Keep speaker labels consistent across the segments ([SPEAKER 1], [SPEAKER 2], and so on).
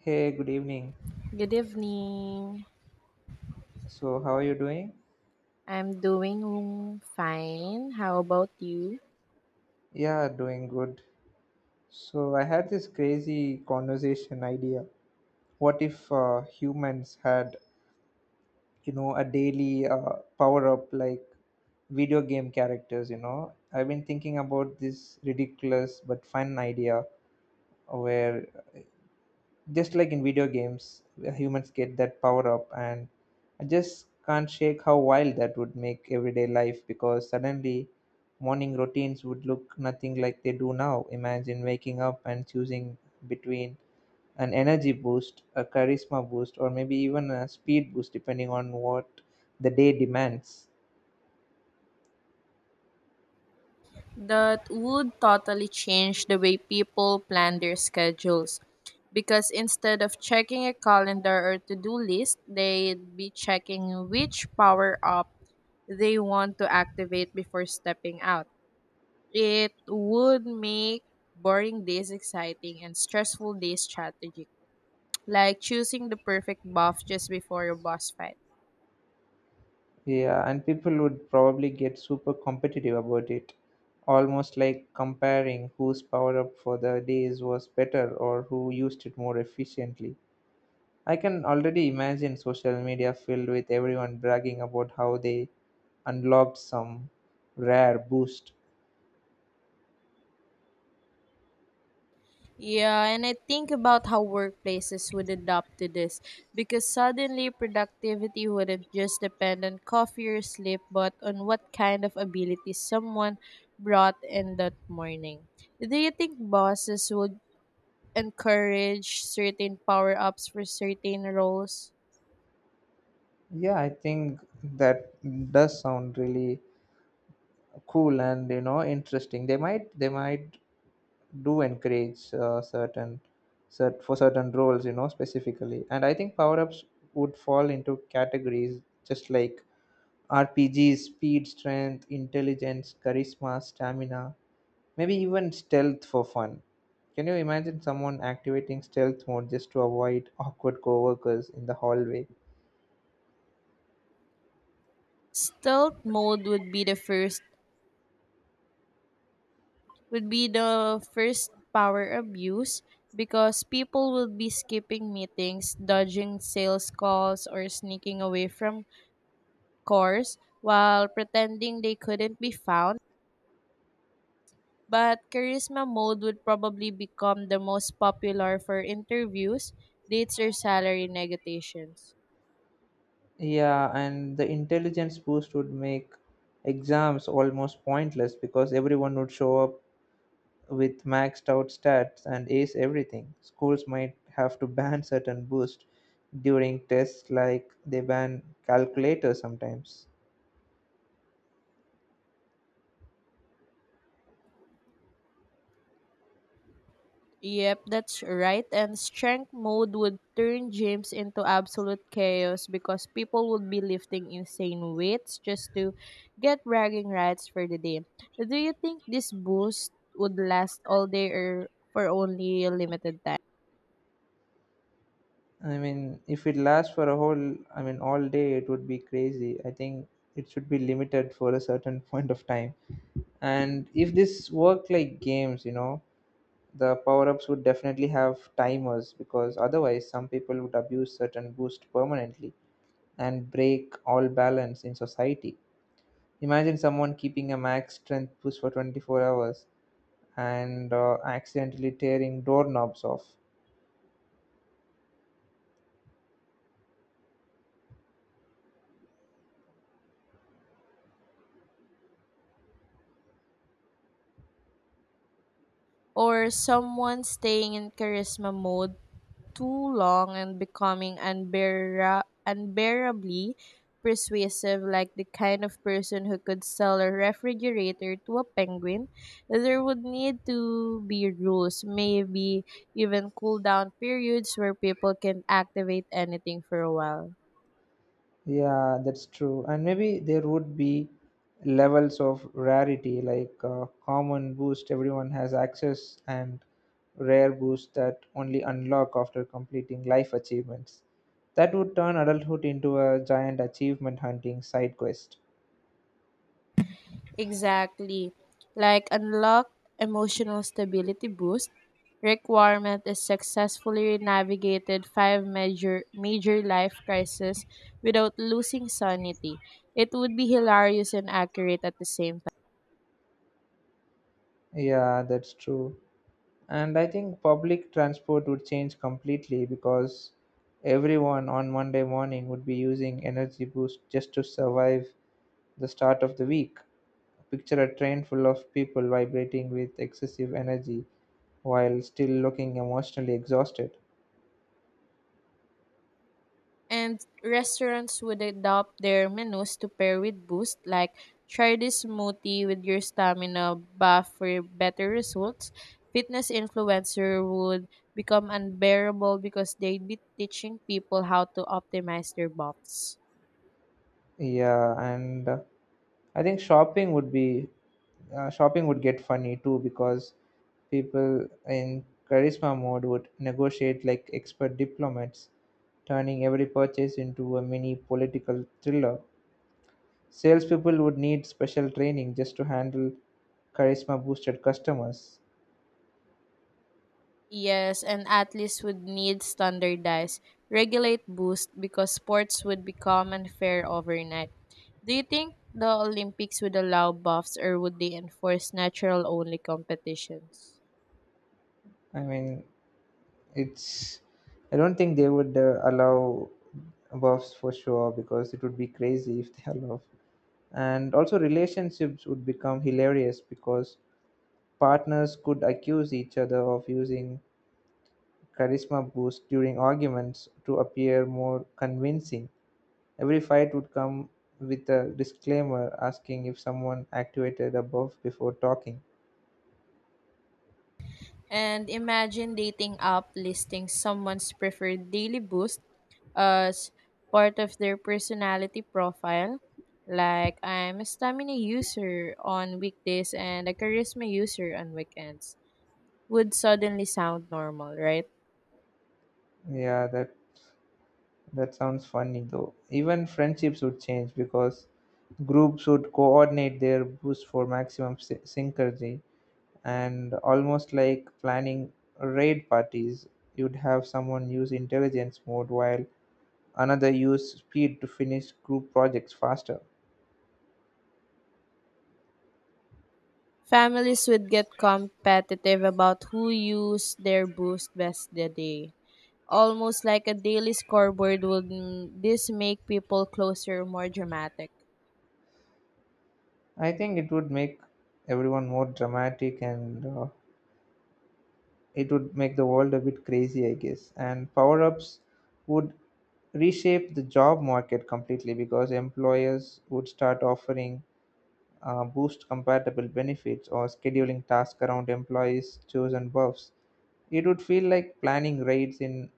[SPEAKER 1] Hey, good evening.
[SPEAKER 2] Good evening.
[SPEAKER 1] So, how are you doing?
[SPEAKER 2] I'm doing fine. How about you?
[SPEAKER 1] Yeah, doing good. So, I had this crazy conversation idea. What if humans had, you know, a daily power up like video game characters, you know? I've been thinking about this ridiculous but fun idea where, just like in video games where humans get that power up, and I just can't shake how wild that would make everyday life, because suddenly morning routines would look nothing like they do now. Imagine waking up and choosing between an energy boost, a charisma boost, or maybe even a speed boost depending on what the day demands.
[SPEAKER 2] That would totally change the way people plan their schedules because instead of checking a calendar or to do list, they'd be checking which power up they want to activate before stepping out. It would make boring days exciting and stressful days strategic, like choosing the perfect buff just before your boss fight.
[SPEAKER 1] Yeah, and people would probably get super competitive about it, almost like comparing whose power up for the days was better or who used it more efficiently. I can already imagine social media filled with everyone bragging about how they unlocked some rare boost.
[SPEAKER 2] Yeah, and I think about how workplaces would adapt to this because suddenly productivity wouldn't just depend on coffee or sleep, but on what kind of ability someone brought in that morning. Do you think bosses would encourage certain power ups for certain roles?
[SPEAKER 1] Yeah, I think that does sound really cool and, you know, interesting. They might do encourage certain for certain roles, you know, specifically. And I think power ups would fall into categories, just like rpgs: speed, strength, intelligence, charisma, stamina, maybe even stealth for fun. Can you imagine someone activating stealth mode just to avoid awkward coworkers in the hallway?
[SPEAKER 2] Stealth mode would be the first power abuse because people will be skipping meetings, dodging sales calls, or sneaking away from cores while pretending they couldn't be found. But charisma mode would probably become the most popular for interviews, dates, or salary negotiations.
[SPEAKER 1] Yeah, and the intelligence boost would make exams almost pointless because everyone would show up with maxed out stats and ace everything. Schools might have to ban certain boosts during tests, like they ban calculators sometimes.
[SPEAKER 2] Yep, that's right. And strength mode would turn gyms into absolute chaos because people would be lifting insane weights just to get bragging rights for the day. Do you think this boost would last all day or for only a limited time?
[SPEAKER 1] I mean, if it lasts for a whole, I mean, all day, it would be crazy. I think it should be limited for a certain point of time. And if this worked like games, you know, the power ups would definitely have timers, because otherwise, some people would abuse certain boost permanently and break all balance in society. Imagine someone keeping a max strength push for 24 hours and accidentally tearing doorknobs off.
[SPEAKER 2] Or someone staying in charisma mode too long and becoming unbearably persuasive, like the kind of person who could sell a refrigerator to a penguin. There would need to be rules, maybe even cool down periods where people can activate anything for a while.
[SPEAKER 1] Yeah, that's true. And maybe there would be levels of rarity, like common boost everyone has access, and rare boost that only unlock after completing life achievements. That would turn adulthood into a giant achievement hunting side quest.
[SPEAKER 2] Exactly. Like unlock emotional stability boost, requirement is successfully navigated five major life crises without losing sanity. It would be hilarious and accurate at the same.
[SPEAKER 1] Yeah, that's true. And I think public transport would change completely because everyone on Monday morning would be using Energy Boost just to survive the start of the week. Picture a train full of people vibrating with excessive energy while still looking emotionally exhausted.
[SPEAKER 2] And restaurants would adopt their menus to pair with boost, like try this smoothie with your stamina buff for better results. Fitness influencer would become unbearable because they'd be teaching people how to optimize their buffs.
[SPEAKER 1] Yeah, and I think shopping would get funny too, because people in charisma mode would negotiate like expert diplomats, turning every purchase into a mini political thriller. Salespeople would need special training just to handle charisma boosted customers.
[SPEAKER 2] Yes, and athletes would need standardized, regulate boost because sports would become unfair overnight. Do you think the Olympics would allow buffs or would they enforce natural only competitions?
[SPEAKER 1] I mean, it's. I don't think they would allow buffs for sure, because it would be crazy if they allow. And also, relationships would become hilarious because partners could accuse each other of using charisma boost during arguments to appear more convincing. Every fight would come with a disclaimer asking if someone activated above before talking.
[SPEAKER 2] And imagine dating app listing someone's preferred daily boost as part of their personality profile. Like, I'm a stamina user on weekdays and a charisma user on weekends would suddenly sound normal, right?
[SPEAKER 1] Yeah, that sounds funny though. Even friendships would change because groups would coordinate their boost for maximum synergy, and almost like planning raid parties. You'd have someone use intelligence mode while another use speed to finish group projects faster.
[SPEAKER 2] Families would get competitive about who used their boost best the day. Almost like a daily scoreboard would this make people closer, more dramatic.
[SPEAKER 1] I think it would make everyone more dramatic, and it would make the world a bit crazy, I guess. And power ups would reshape the job market completely because employers would start offering boost compatible benefits or scheduling tasks around employees' chosen buffs. It would feel like planning raids in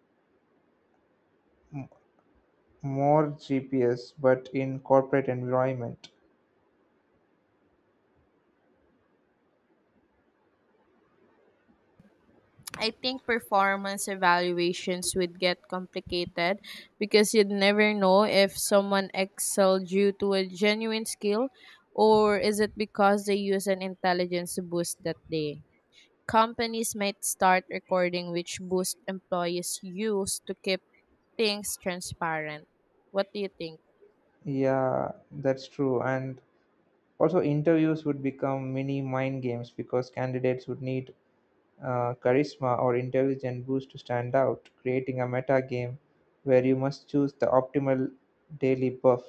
[SPEAKER 1] more GPS but in corporate environment.
[SPEAKER 2] I think performance evaluations would get complicated because you'd never know if someone excelled due to a genuine skill or is it because they use an intelligence boost that day. Companies might start recording which boost employees use to keep things transparent. What do you think?
[SPEAKER 1] Yeah, that's true. And also, interviews would become mini mind games because candidates would need charisma or intelligent boost to stand out, creating a meta game where you must choose the optimal daily buff.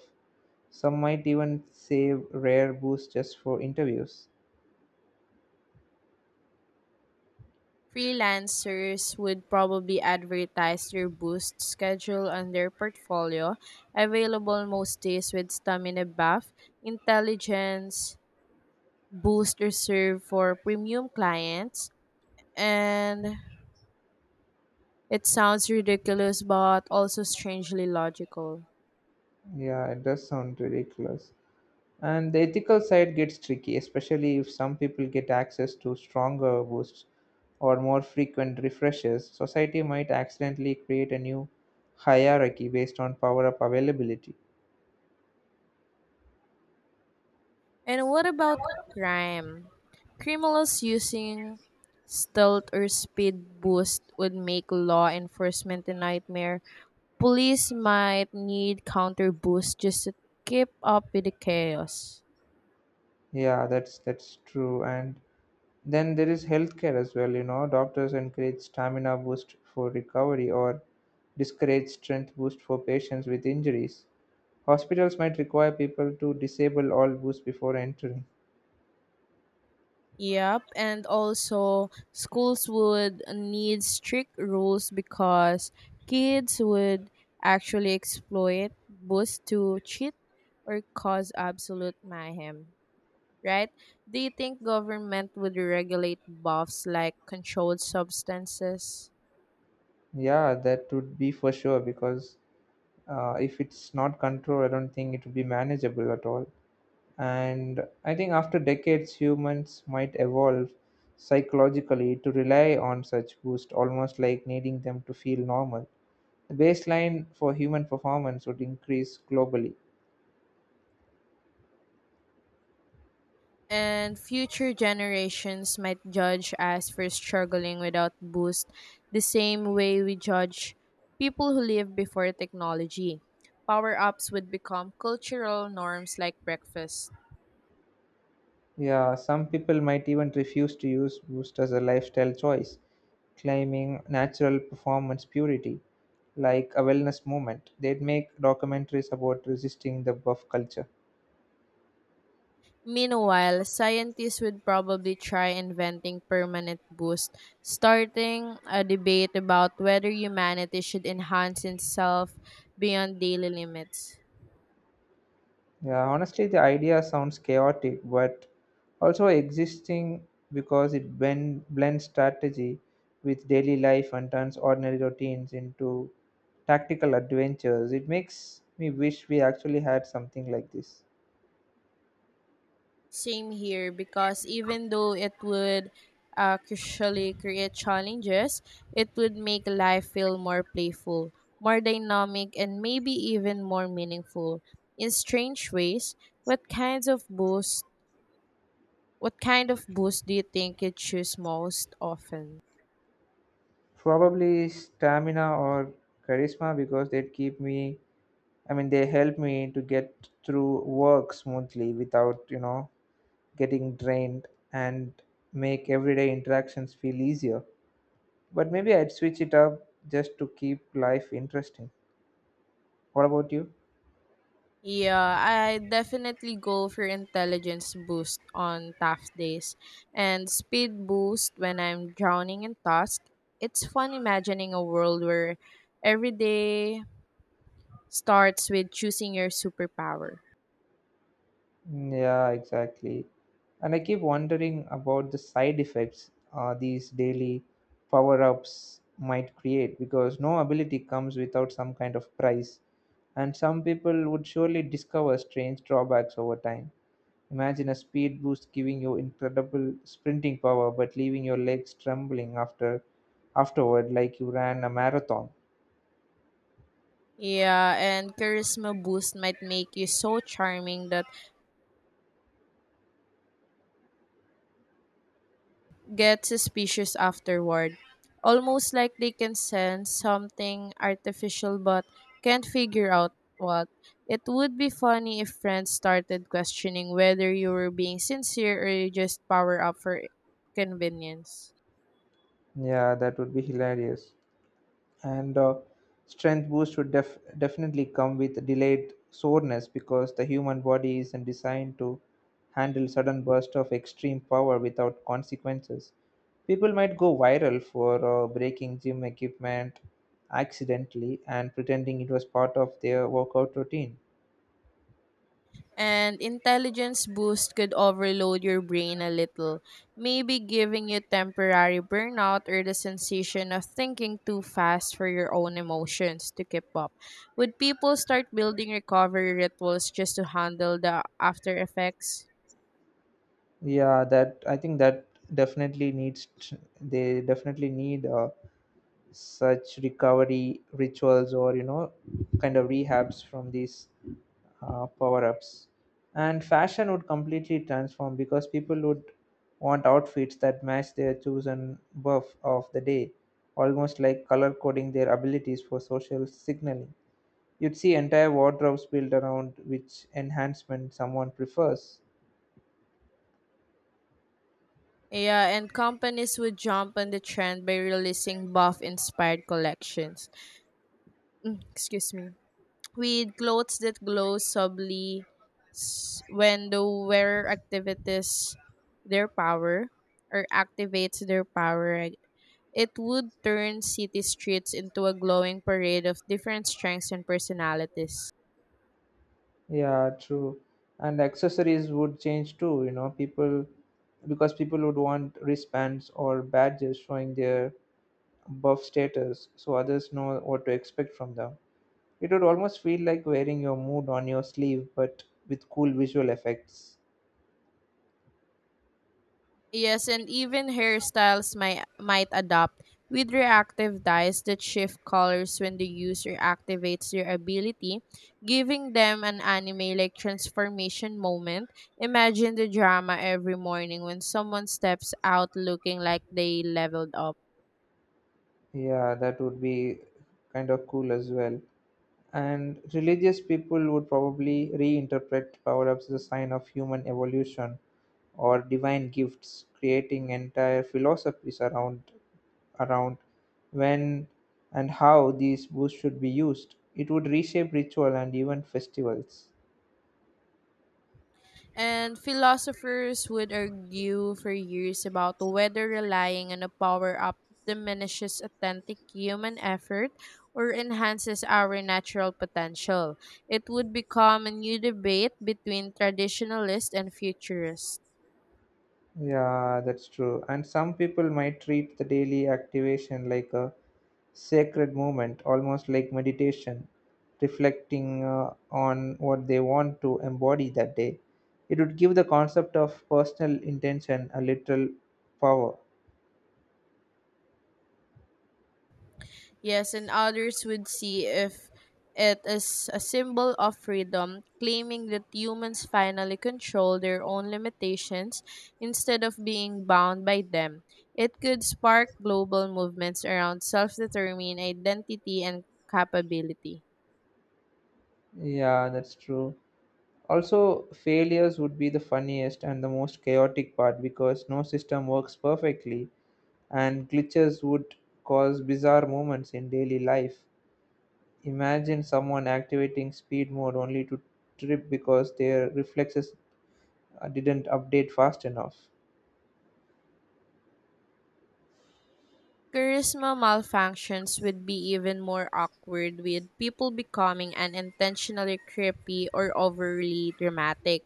[SPEAKER 1] Some might even save rare boosts just for interviews.
[SPEAKER 2] Freelancers would probably advertise their boost schedule on their portfolio, available most days with stamina buff, intelligence boost reserved for premium clients, and it sounds ridiculous but also strangely logical.
[SPEAKER 1] Yeah, it does sound ridiculous. And the ethical side gets tricky, especially if some people get access to stronger boosts or more frequent refreshes. Society might accidentally create a new hierarchy based on power up availability.
[SPEAKER 2] And what about crime? Criminals using stealth or speed boost would make law enforcement a nightmare. Police might need counter boosts just to keep up with the chaos.
[SPEAKER 1] Yeah, that's true. And then there is healthcare as well. You know, doctors encourage stamina boost for recovery or discourage strength boost for patients with injuries. Hospitals might require people to disable all boosts before entering.
[SPEAKER 2] Yep, and also schools would need strict rules because kids would actually exploit boosts to cheat or cause absolute mayhem, right? Do you think government would regulate buffs like controlled substances?
[SPEAKER 1] Yeah, that would be for sure, because if it's not controlled, I don't think it would be manageable at all. And I think after decades, humans might evolve psychologically to rely on such boosts, almost like needing them to feel normal. The baseline for human performance would increase globally.
[SPEAKER 2] And future generations might judge us for struggling without boost the same way we judge people who lived before technology. Power ups would become cultural norms like breakfast.
[SPEAKER 1] Yeah, some people might even refuse to use boost as a lifestyle choice, claiming natural performance purity, like a wellness movement. They'd make documentaries about resisting the buff culture.
[SPEAKER 2] Meanwhile, scientists would probably try inventing permanent boost, starting a debate about whether humanity should enhance itself beyond daily limits.
[SPEAKER 1] Yeah, honestly, the idea sounds chaotic, but also existing because it blends strategy with daily life and turns ordinary routines into tactical adventures. It makes me wish we actually had something like this.
[SPEAKER 2] Same here because even though it would crucially create challenges, it would make life feel more playful, more dynamic, and maybe even more meaningful. In strange ways, what kinds of boost what kind of boost do you think you choose most often?
[SPEAKER 1] Probably stamina or charisma because they keep me, I mean, they help me to get through work smoothly without, you know, getting drained and make everyday interactions feel easier. But maybe I'd switch it up just to keep life interesting. What about you?
[SPEAKER 2] Yeah, I definitely go for intelligence boost on tough days and speed boost when I'm drowning in task. It's fun imagining a world where every day starts with choosing your superpower.
[SPEAKER 1] Yeah, exactly. And I keep wondering about the side effects these daily power ups might create because no ability comes without some kind of price. And some people would surely discover strange drawbacks over time. Imagine a speed boost giving you incredible sprinting power but leaving your legs trembling afterward, like you ran a marathon.
[SPEAKER 2] Yeah, and charisma boost might make you so charming that get suspicious afterward, almost like they can sense something artificial but can't figure out what. It would be funny if friends started questioning whether you were being sincere or you just power up for convenience.
[SPEAKER 1] Yeah, that would be hilarious. And strength boost would definitely come with delayed soreness because the human body isn't designed to handle sudden bursts of extreme power without consequences. People might go viral for breaking gym equipment accidentally and pretending it was part of their workout routine.
[SPEAKER 2] And intelligence boost could overload your brain a little, maybe giving you temporary burnout or the sensation of thinking too fast for your own emotions to keep up. Would people start building recovery rituals just to handle the after effects?
[SPEAKER 1] Yeah, that I think that definitely they definitely need such recovery rituals, or you know, kind of rehabs from these power ups. And fashion would completely transform because people would want outfits that match their chosen buff of the day, almost like color coding their abilities for social signaling. You'd see entire wardrobes built around which enhancement someone prefers.
[SPEAKER 2] Yeah, and companies would jump on the trend by releasing buff inspired collections. Mm, excuse me, with clothes that glow subtly when the wearer activates their power or activates their power, right? It would turn city streets into a glowing parade of different strengths and personalities.
[SPEAKER 1] Yeah, true. And accessories would change too, you know, people because people would want wristbands or badges showing their buff status so others know what to expect from them. It would almost feel like wearing your mood on your sleeve, but with cool visual effects.
[SPEAKER 2] Yes, and even hairstyles might adopt, with reactive dyes that shift colors when the user activates their ability, giving them an anime-like transformation moment. Imagine the drama every morning when someone steps out looking like they leveled up.
[SPEAKER 1] Yeah, that would be kind of cool as well. And religious people would probably reinterpret power ups as a sign of human evolution or divine gifts, creating entire philosophies around when and how these boosts should be used. It would reshape ritual and even festivals.
[SPEAKER 2] And philosophers would argue for years about whether relying on a power up diminishes authentic human effort or enhances our natural potential. It would become a new debate between traditionalists and futurists.
[SPEAKER 1] Yeah, that's true. And some people might treat the daily activation like a sacred moment, almost like meditation, reflecting on what they want to embody that day. It would give the concept of personal intention a little power.
[SPEAKER 2] Yes, and others would see if it is a symbol of freedom, claiming that humans finally control their own limitations instead of being bound by them. It could spark global movements around self determined identity and capability.
[SPEAKER 1] Yeah, that's true. Also, failures would be the funniest and the most chaotic part because no system works perfectly, and glitches would cause bizarre moments in daily life. Imagine someone activating speed mode only to trip because their reflexes didn't update fast enough.
[SPEAKER 2] Charisma malfunctions would be even more awkward with people becoming unintentionally creepy or overly dramatic.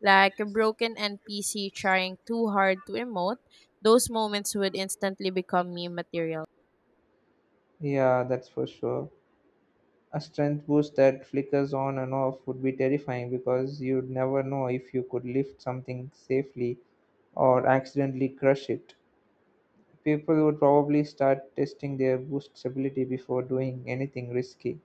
[SPEAKER 2] Like a broken NPC trying too hard to emote, those moments would instantly become meme material.
[SPEAKER 1] Yeah, that's for sure. A strength boost that flickers on and off would be terrifying because you'd never know if you could lift something safely or accidentally crush it. People would probably start testing their boost stability before doing anything risky.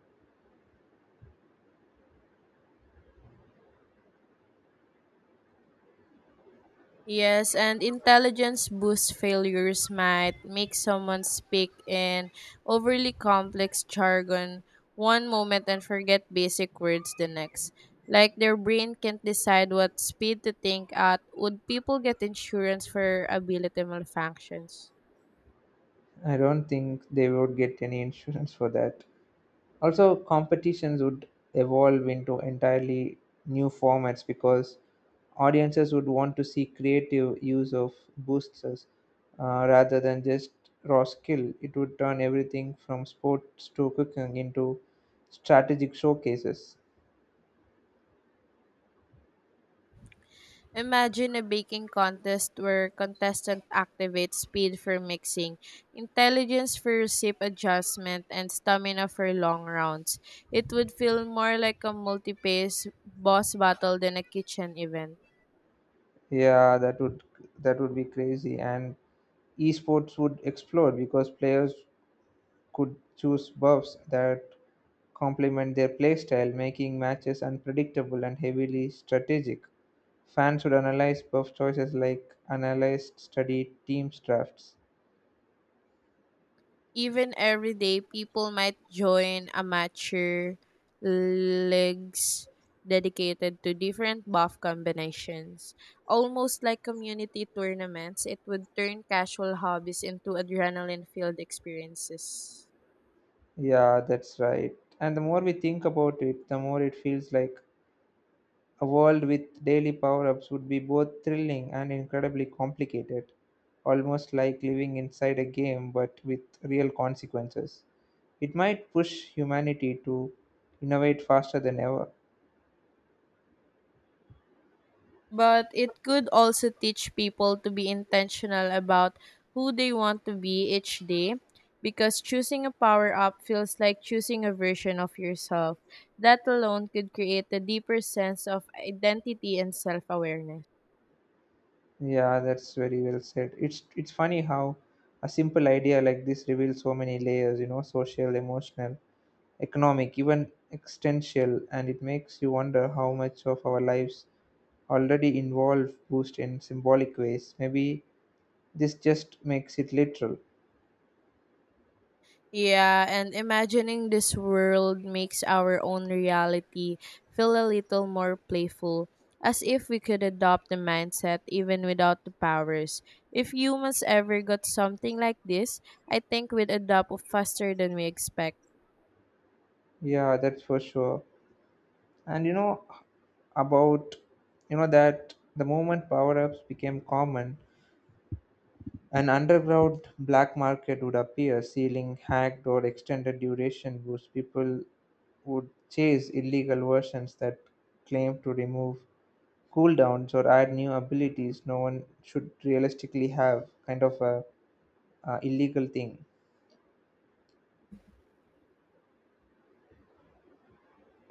[SPEAKER 2] Yes, and intelligence boost failures might make someone speak in overly complex jargon one moment and forget basic words the next. Like their brain can't decide what speed to think at. Would people get insurance for ability malfunctions?
[SPEAKER 1] I don't think they would get any insurance for that. Also, competitions would evolve into entirely new formats because audiences would want to see creative use of boosters rather than just raw skill. It would turn everything from sports to cooking into strategic showcases.
[SPEAKER 2] Imagine a baking contest where contestant activate speed for mixing, intelligence for recipe adjustment, and stamina for long rounds. It would feel more like a multi-pace boss battle than a kitchen event.
[SPEAKER 1] Yeah, that would be crazy, and esports would explode because players could choose buffs that complement their playstyle, making matches unpredictable and heavily strategic. Fans should analyze buff choices like analyze study teams drafts.
[SPEAKER 2] Even every day, people might join amateur leagues dedicated to different buff combinations. Almost like community tournaments, it would turn casual hobbies into adrenaline filled experiences.
[SPEAKER 1] Yeah, that's right. And the more we think about it, the more it feels like a world with daily power ups would be both thrilling and incredibly complicated, almost like living inside a game but with real consequences. It might push humanity to innovate faster than ever.
[SPEAKER 2] But it could also teach people to be intentional about who they want to be each day because choosing a power up feels like choosing a version of yourself. That alone could create a deeper sense of identity and self awareness.
[SPEAKER 1] Yeah, that's very well said. It's funny how a simple idea like this reveals so many layers, you know, social, emotional, economic, even existential, and it makes you wonder how much of our lives already involve boost in symbolic ways. Maybe this just makes it literal.
[SPEAKER 2] Yeah, and imagining this world makes our own reality feel a little more playful, as if we could adopt the mindset even without the powers. If humans ever got something like this, I think we'd adopt faster than we expect.
[SPEAKER 1] Yeah, that's for sure. And about you know that the moment power-ups became common, an underground black market would appear, sealing hacked or extended duration boosts. People would chase illegal versions that claim to remove cooldowns or add new abilities no one should realistically have, kind of a illegal thing.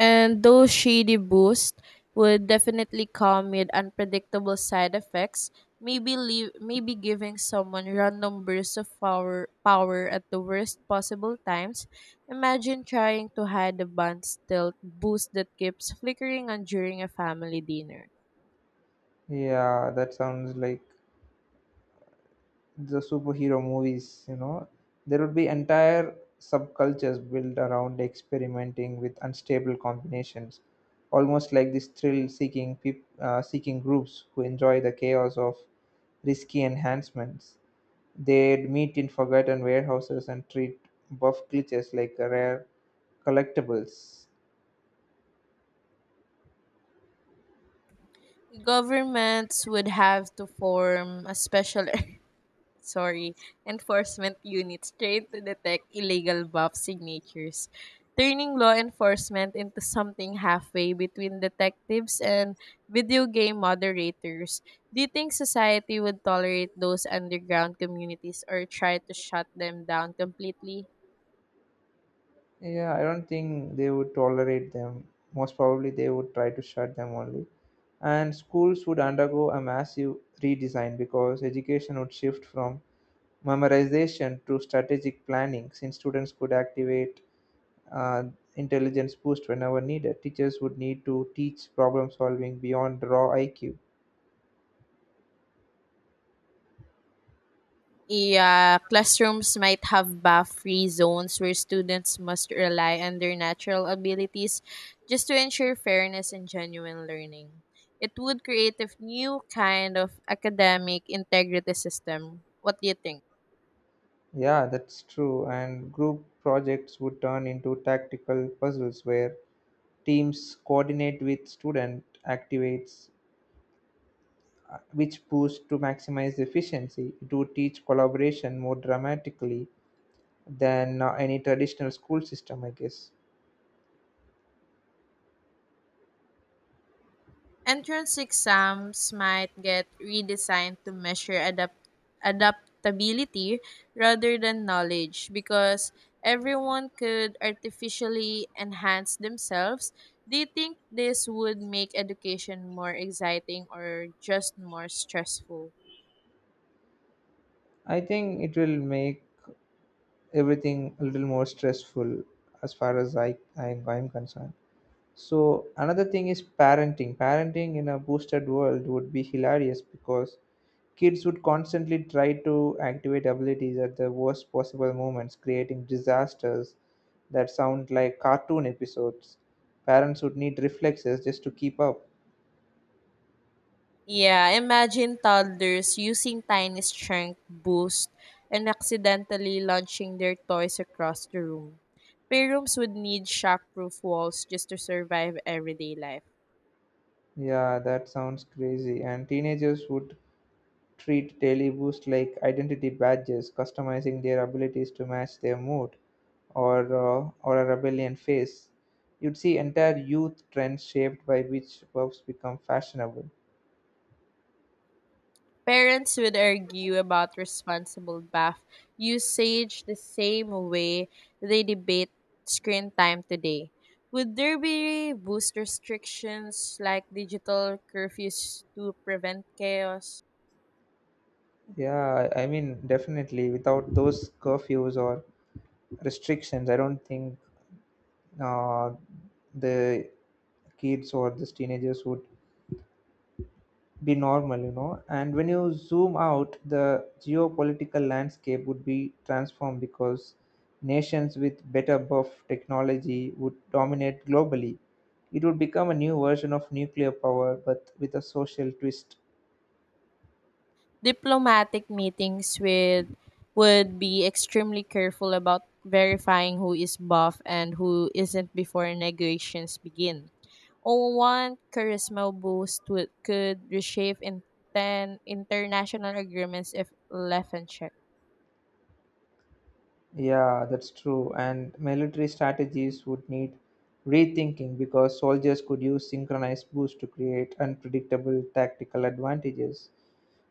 [SPEAKER 2] And those shady boosts would definitely come with unpredictable side effects, maybe leave, maybe giving someone random bursts of power at the worst possible times. Imagine trying to hide the band's tilt boost that keeps flickering on during a family dinner.
[SPEAKER 1] Yeah, that sounds like the superhero movies, you know. There would be entire subcultures built around experimenting with unstable combinations, almost like these thrill seeking groups who enjoy the chaos of risky enhancements. They'd meet in forgotten warehouses and treat buff glitches like rare collectibles.
[SPEAKER 2] Governments would have to form a special sorry, enforcement units trained to detect illegal buff signatures, turning law enforcement into something halfway between detectives and video game moderators. Do you think society would tolerate those underground communities or try to shut them down completely?
[SPEAKER 1] Yeah, I don't think they would tolerate them. Most probably, they would try to shut them only. And schools would undergo a massive redesign because education would shift from memorization to strategic planning since students could activate uh, intelligence boost whenever needed. Teachers would need to teach problem solving beyond raw IQ.
[SPEAKER 2] Yeah, classrooms might have buff-free zones where students must rely on their natural abilities just to ensure fairness and genuine learning. It would create a new kind of academic integrity system. What do you think?
[SPEAKER 1] Yeah, that's true. And group projects would turn into tactical puzzles where teams coordinate with student activates which pushed to maximize efficiency, to teach collaboration more dramatically than any traditional school system, I guess.
[SPEAKER 2] Entrance exams might get redesigned to measure adaptability rather than knowledge because everyone could artificially enhance themselves. Do you think this would make education more exciting or just more stressful?
[SPEAKER 1] I think it will make everything a little more stressful as far as I I'm concerned. So another thing is parenting in a boosted world would be hilarious because kids would constantly try to activate abilities at the worst possible moments, creating disasters that sound like cartoon episodes. Parents would need reflexes just to keep up.
[SPEAKER 2] Yeah, imagine toddlers using tiny strength boost and accidentally launching their toys across the room. Playrooms would need shockproof walls just to survive everyday life.
[SPEAKER 1] Yeah, that sounds crazy. And teenagers would treat daily boosts like identity badges, customizing their abilities to match their mood, or a rebellion phase. You'd see entire youth trends shaped by which buffs become fashionable.
[SPEAKER 2] Parents would argue about responsible bath usage the same way they debate screen time today. Would there be boost restrictions like digital curfews to prevent chaos?
[SPEAKER 1] Yeah, I mean, definitely. Without those curfews or restrictions, I don't think uh, the kids or these teenagers would be normal, you know. And when you zoom out, the geopolitical landscape would be transformed because nations with better buff technology would dominate globally. It would become a new version of nuclear power, but with a social twist.
[SPEAKER 2] Diplomatic meetings with would be extremely careful about verifying who is buff and who isn't before negotiations begin. Oh, one charisma boost would, could reshape in ten international agreements if left unchecked.
[SPEAKER 1] Yeah, that's true. And military strategies would need rethinking because soldiers could use synchronized boosts to create unpredictable tactical advantages.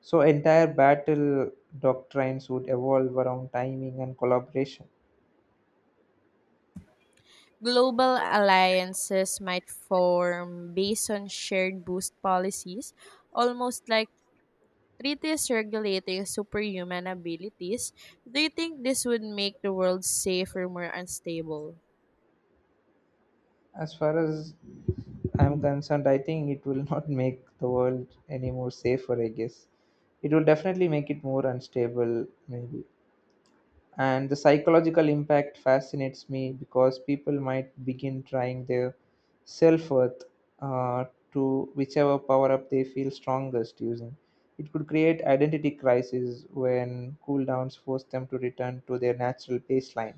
[SPEAKER 1] So, entire battle doctrines would evolve around timing and collaboration.
[SPEAKER 2] Global alliances might form based on shared boost policies, almost like treaties regulating superhuman abilities. Do you think this would make the world safer, more unstable?
[SPEAKER 1] As far as I'm concerned, I think it will not make the world any more safer, I guess. It will definitely make it more unstable, maybe. And the psychological impact fascinates me because people might begin trying their self-worth uh, to whichever power-up they feel strongest using. It could create identity crises when cooldowns force them to return to their natural baseline.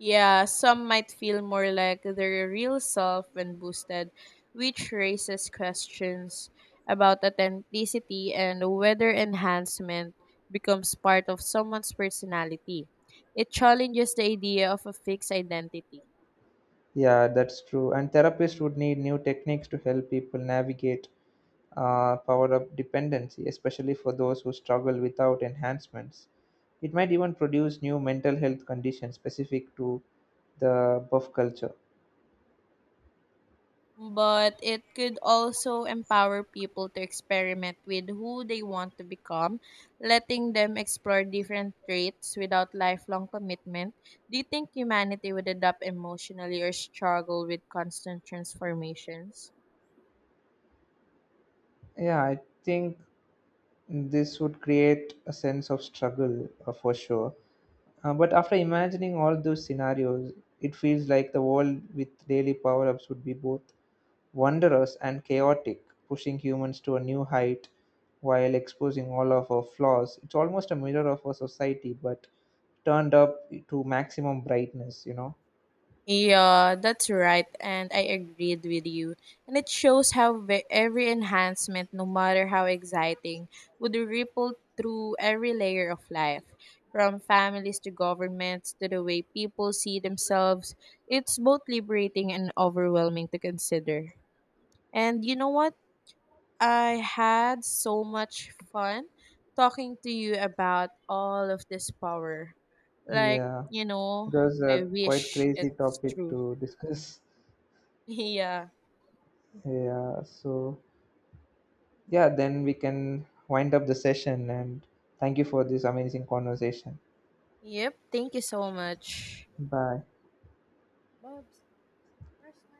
[SPEAKER 2] Yeah, some might feel more like their real self when boosted, which raises questions about authenticity and whether enhancement becomes part of someone's personality. It challenges the idea of a fixed identity.
[SPEAKER 1] Yeah, that's true. And therapists would need new techniques to help people navigate power-up dependency, especially for those who struggle without enhancements. It might even produce new mental health conditions specific to the buff culture.
[SPEAKER 2] But it could also empower people to experiment with who they want to become, letting them explore different traits without lifelong commitment. Do you think humanity would adapt emotionally or struggle with constant transformations?
[SPEAKER 1] Yeah, I think this would create a sense of struggle for sure. But after imagining all those scenarios, it feels like the world with daily power ups would be both wondrous and chaotic, pushing humans to a new height while exposing all of our flaws. It's almost a mirror of our society, but turned up to maximum brightness, you know?
[SPEAKER 2] Yeah, that's right, and I agreed with you. And it shows how every enhancement, no matter how exciting, would ripple through every layer of life, from families to governments to the way people see themselves. It's both liberating and overwhelming to consider. And you know what? I had so much fun talking to you about all of this power. Like,
[SPEAKER 1] Yeah,
[SPEAKER 2] you know,
[SPEAKER 1] it was
[SPEAKER 2] I
[SPEAKER 1] a quite
[SPEAKER 2] wish
[SPEAKER 1] crazy
[SPEAKER 2] it's
[SPEAKER 1] topic
[SPEAKER 2] true.
[SPEAKER 1] to discuss.
[SPEAKER 2] Yeah.
[SPEAKER 1] Yeah, so yeah, then we can wind up the session and thank you for this amazing conversation.
[SPEAKER 2] Yep. Thank you so much.
[SPEAKER 1] Bye.
[SPEAKER 2] Bobs, where's my